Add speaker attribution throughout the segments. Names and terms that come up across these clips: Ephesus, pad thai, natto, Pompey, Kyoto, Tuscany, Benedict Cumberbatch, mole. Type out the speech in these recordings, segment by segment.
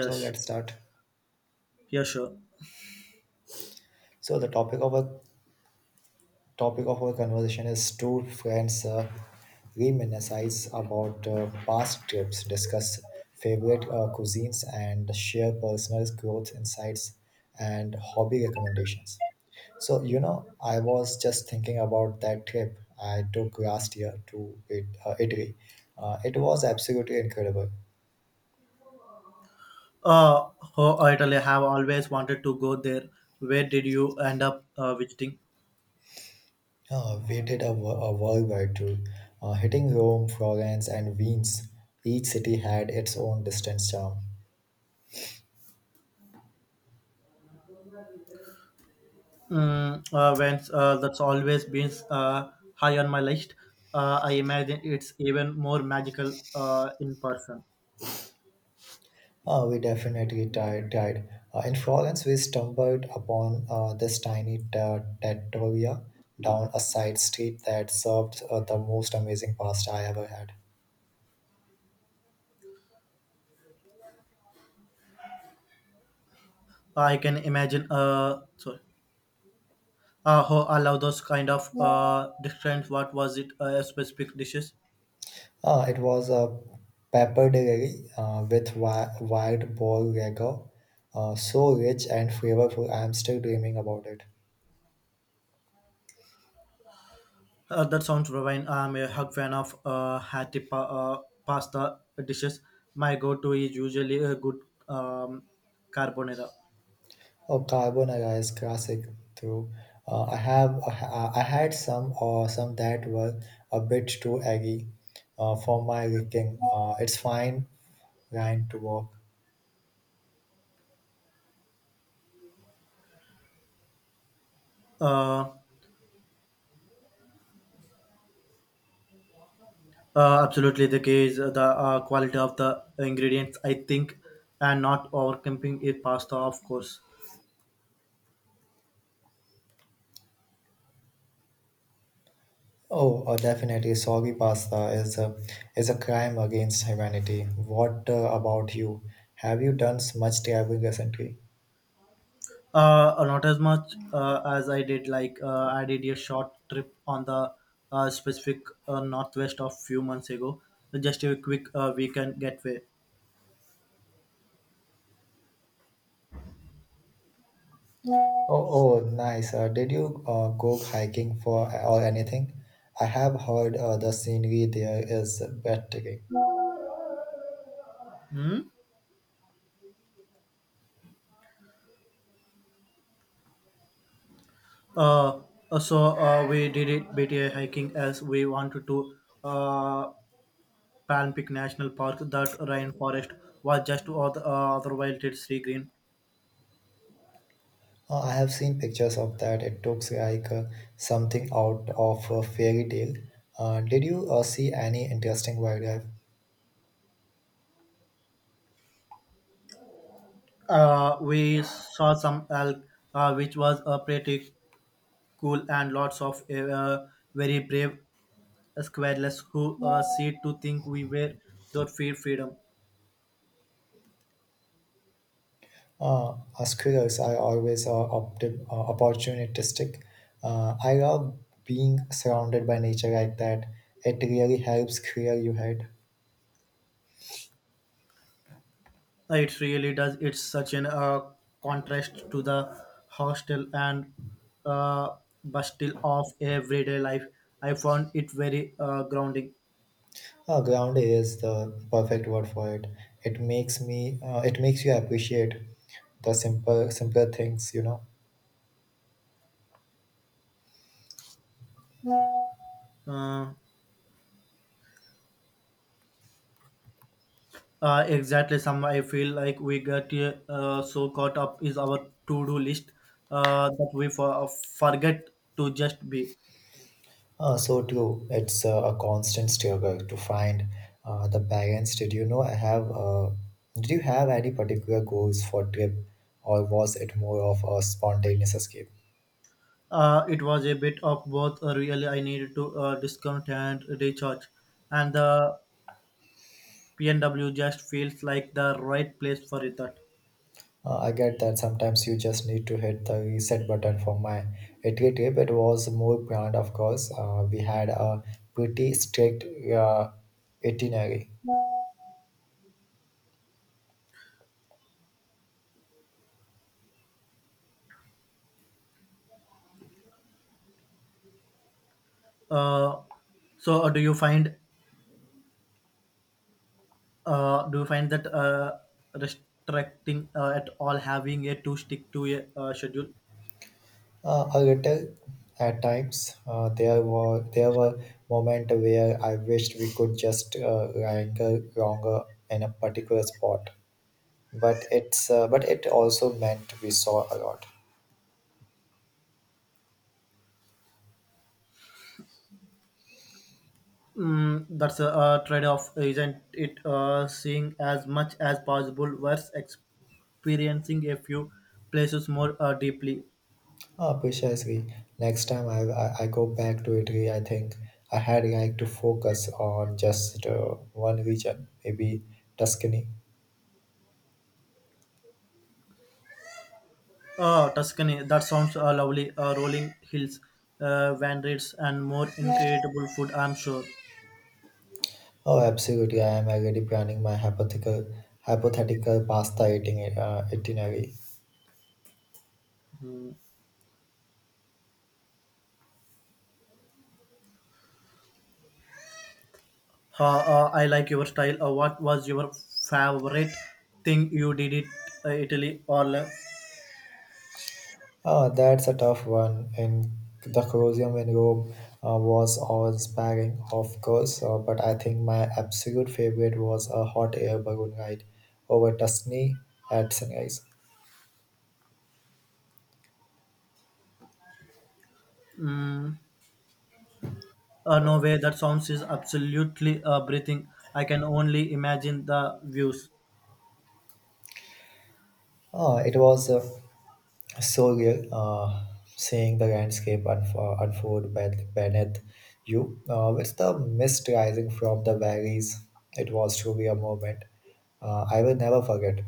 Speaker 1: So let's start.
Speaker 2: yeah, sure.
Speaker 1: So the topic of our conversation is two friends reminisce about past trips, discuss favorite cuisines, and share personal growth insights and hobby recommendations. So I was just thinking about that trip I took last year to Italy. It was absolutely incredible.
Speaker 2: Uh, oh, Italy, I have always wanted to go there. Where did you end up visiting?
Speaker 1: We did a worldwide tour, hitting Rome, Florence, and Venice. Each city had its own distinct charm.
Speaker 2: That's always been high on my list. I imagine it's even more magical in person.
Speaker 1: We definitely tried. In Florence, we stumbled upon this trattoria down a side street that served the most amazing pasta I ever had.
Speaker 2: I can imagine. Sorry. How I love those kind of different. What was it? Specific dishes.
Speaker 1: It was a pappardelle with wild boar ragu, so rich and flavorful. I am still dreaming about it.
Speaker 2: That sounds divine. I'm a hug fan of hearty pasta dishes. My go-to is usually a good um, carbonara.
Speaker 1: Oh, carbonara is classic too. I I had some or some that were a bit too eggy for my liking. It's fine line to walk.
Speaker 2: Uh, Absolutely, the key is the quality of the ingredients, I think, and not overcamping it pasta, of course.
Speaker 1: Oh, definitely. Soggy pasta is a crime against humanity. What about you? Have you done much traveling recently?
Speaker 2: Not as much as I did. Like I did a short trip on the specific northwest of few months ago, just a quick weekend getaway.
Speaker 1: Oh, oh, nice. Did you go hiking for or anything? I have heard the scenery there is breathtaking.
Speaker 2: Hmm? Uh, we did it BTA hiking as we wanted to uh, Pan Peak National Park. That rainforest was just other wild it's sea green.
Speaker 1: I have seen pictures of that. It looks like something out of a fairy tale. Did you see any interesting wildlife?
Speaker 2: We saw some elk, which was pretty cool, and lots of very brave squirrels who seemed to think we were their fear freedom.
Speaker 1: As squirrels are always opportunistic. I love being surrounded by nature like that. It really helps clear your head.
Speaker 2: It really does. It's such an contrast to the hostel and uh, bustle of everyday life. I found it very grounding.
Speaker 1: Ground is the perfect word for it. It makes me. It makes you appreciate the simple, simpler things, you know.
Speaker 2: Uh, exactly, some I feel like we get so caught up is our to-do list that we forget to just be.
Speaker 1: So true. It's a constant struggle to find the balance. Did you know I have? Did you have any particular goals for trip, or was it more of a spontaneous escape?
Speaker 2: It was a bit of both. Really, I needed to discount and recharge, and the PNW just feels like the right place for it.
Speaker 1: I get that sometimes you just need to hit the reset button for my Italy trip. It was more planned, of course. We had a pretty strict uh, itinerary.
Speaker 2: Uh, so uh, do you find do you find that restricting at all having a to stick to a schedule?
Speaker 1: A little at times. There were moments where I wished we could just linger longer in a particular spot, but it also meant we saw a lot.
Speaker 2: Mm, that's a, trade-off, isn't it? Seeing as much as possible versus experiencing a few places more deeply.
Speaker 1: Precisely. Next time I go back to Italy, I think I had like to focus on just one region, maybe Tuscany.
Speaker 2: Oh, Tuscany, that sounds lovely. Rolling hills, vineyards, and more incredible food, I'm sure.
Speaker 1: Oh, absolutely! I am already planning my hypothetical pasta eating itinerary.
Speaker 2: I like your style. What was your favorite thing you did it Italy or
Speaker 1: Ah, that's a tough one. And the Colosseum in Rome was awe-inspiring, of course. But I think my absolute favorite was a hot air balloon ride over Tuscany at sunrise.
Speaker 2: no way? That sounds is absolutely breathing. I can only imagine the views.
Speaker 1: Ah, it was So real, seeing the landscape unfold beneath you, with the mist rising from the valleys. It was truly a moment I will never forget.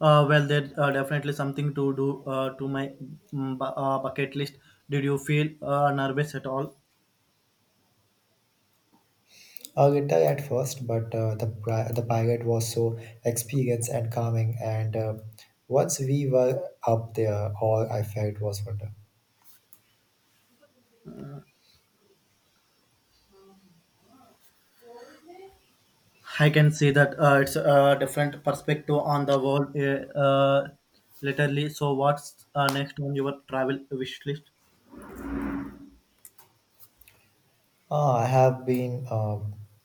Speaker 2: Well, there definitely something to do to my bucket list. Did you feel nervous at all?
Speaker 1: A little at first, but the pirate was so experienced and calming, and once we were up there, all I felt was wonder.
Speaker 2: I can see that it's a different perspective on the world, literally. So, what's next on your travel wish list?
Speaker 1: I have been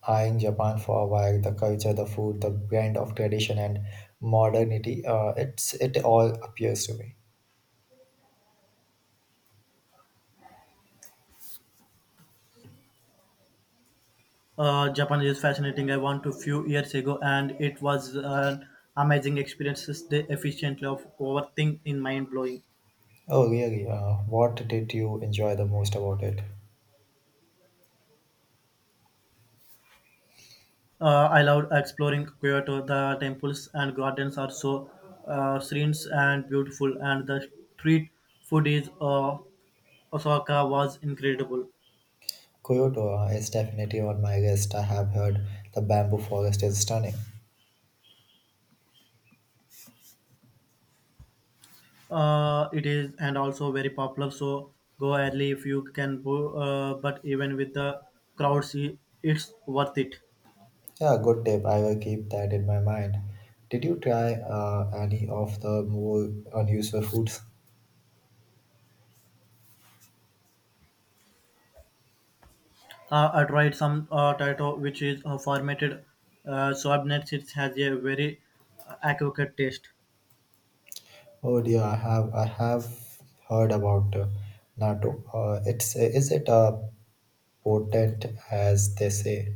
Speaker 1: eyeing Japan for a while. The culture, the food, the blend of tradition and modernity. It's it all appeals to me.
Speaker 2: Japan is fascinating. I went a few years ago, and it was an amazing experience. The efficiently of overthink in mind blowing.
Speaker 1: Oh, really? What did you enjoy the most about it?
Speaker 2: I loved exploring Kyoto. The temples and gardens are so serene and beautiful, and the street food is Osaka was incredible.
Speaker 1: Kyoto is definitely on my list. I have heard the bamboo forest is stunning.
Speaker 2: It is and also very popular. So go early if you can. But even with the crowds, it's worth it.
Speaker 1: Yeah, good tip. I will keep that in my mind. Did you try any of the more unusual foods?
Speaker 2: I tried some Taito, which is formatted sorbnet. It has a very accurate taste.
Speaker 1: Oh dear, I have heard about natto. It's Is it potent as they say?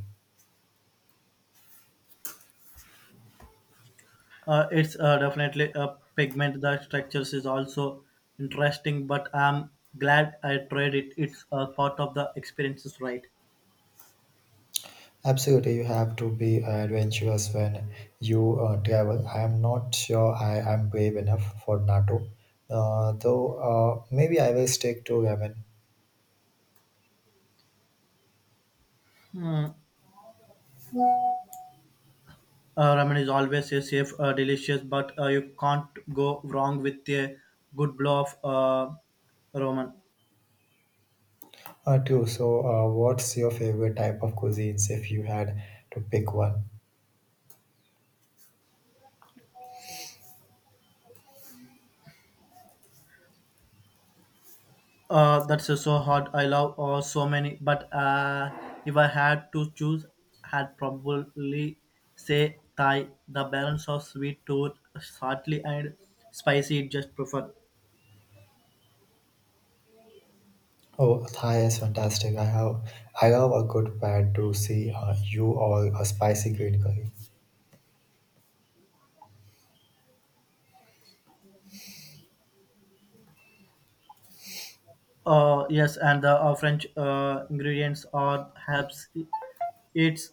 Speaker 2: It's definitely a pigment. The structures is also interesting, but I'm glad I tried it. It's part of the experiences, right?
Speaker 1: Absolutely, you have to be adventurous when you travel. I am not sure I am brave enough for natto. Though Maybe I will stick to ramen.
Speaker 2: Mm. Ramen is always a safe, delicious, but you can't go wrong with a good blow of ramen.
Speaker 1: Too. So, what's your favorite type of cuisines if you had to pick one?
Speaker 2: That's so hard. I love so many, but if I had to choose, I'd probably say Thai. The balance of sweet tooth, salty and spicy, it just prefer.
Speaker 1: Oh, Thai is fantastic. I love a good pad to see you or a spicy green curry.
Speaker 2: Yes, and the French ingredients or herbs, it's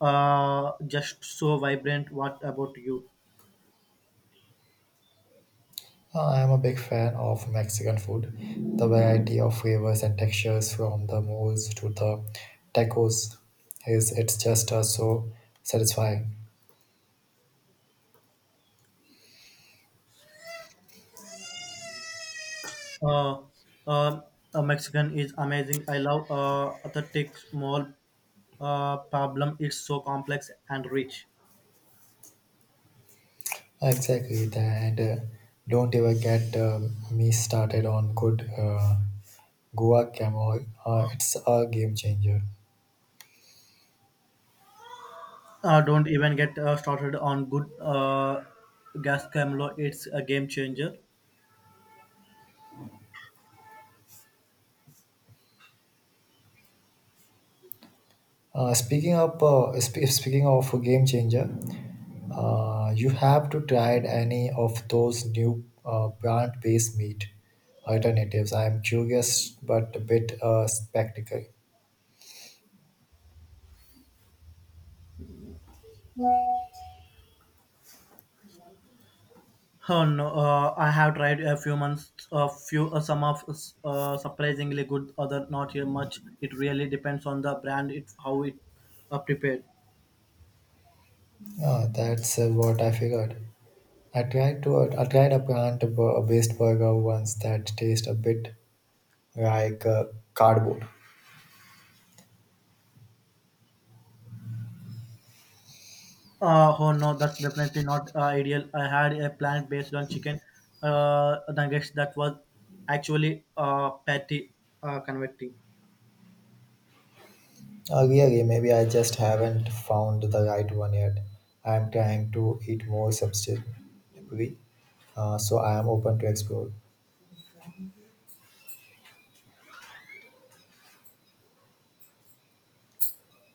Speaker 2: just so vibrant. What about you?
Speaker 1: I am a big fan of Mexican food. The variety of flavors and textures from the moles to the tacos is it's just so satisfying.
Speaker 2: Uh, uh, Mexican is amazing. I love authentic small problem. It's so complex and rich.
Speaker 1: Exactly, tha- and don't ever get me started on good guacamole. It's a game changer.
Speaker 2: Don't even get started on good gas camelo. It's a game changer.
Speaker 1: Speaking of a game changer, you have to try any of those new plant-based meat alternatives. I am curious but a bit skeptical.
Speaker 2: Oh no, I have tried a few months, a few some of surprisingly good, other not here much. It really depends on the brand, it how it prepared.
Speaker 1: That's what I figured. I tried a plant-based burger once that tastes a bit like cardboard.
Speaker 2: Oh no, that's definitely not ideal. I had a plan based on chicken nuggets that was actually patty convecting.
Speaker 1: I agree, maybe I just haven't found the right one yet. I'm trying to eat more sustainably, so I am open to explore.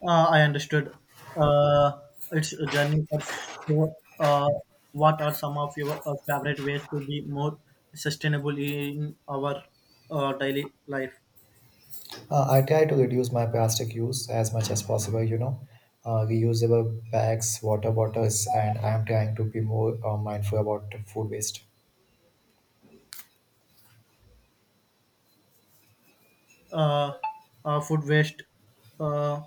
Speaker 2: I understood. Uh, it's a journey for sure. What are some of your favorite ways to be more sustainable in our daily life?
Speaker 1: I try to reduce my plastic use as much as possible, you know, reusable bags, water bottles, and I am trying to be more mindful about food waste.
Speaker 2: Uh, Food waste uh,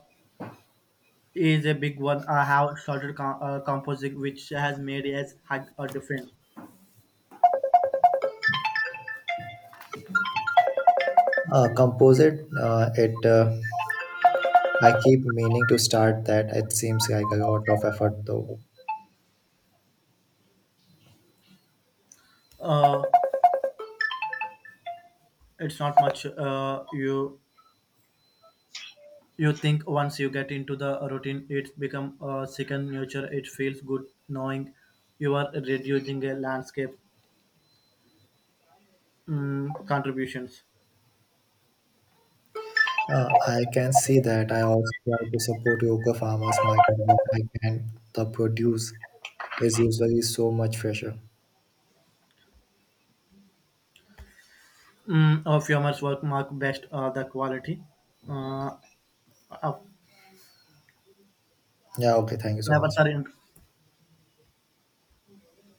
Speaker 2: is a big one. I have started composing, which has made us hug a difference.
Speaker 1: Composite, it I keep meaning to start that. It seems like a lot of effort though.
Speaker 2: Uh, it's not much you think once you get into the routine it's become a second nature it feels good knowing you are reducing a landscape contributions
Speaker 1: I can see that. I also try to support local farmers market when I can. The produce is usually so much fresher.
Speaker 2: of your work mark best the quality uh, of
Speaker 1: Yeah, okay, thank you so
Speaker 2: flavors
Speaker 1: much.
Speaker 2: are in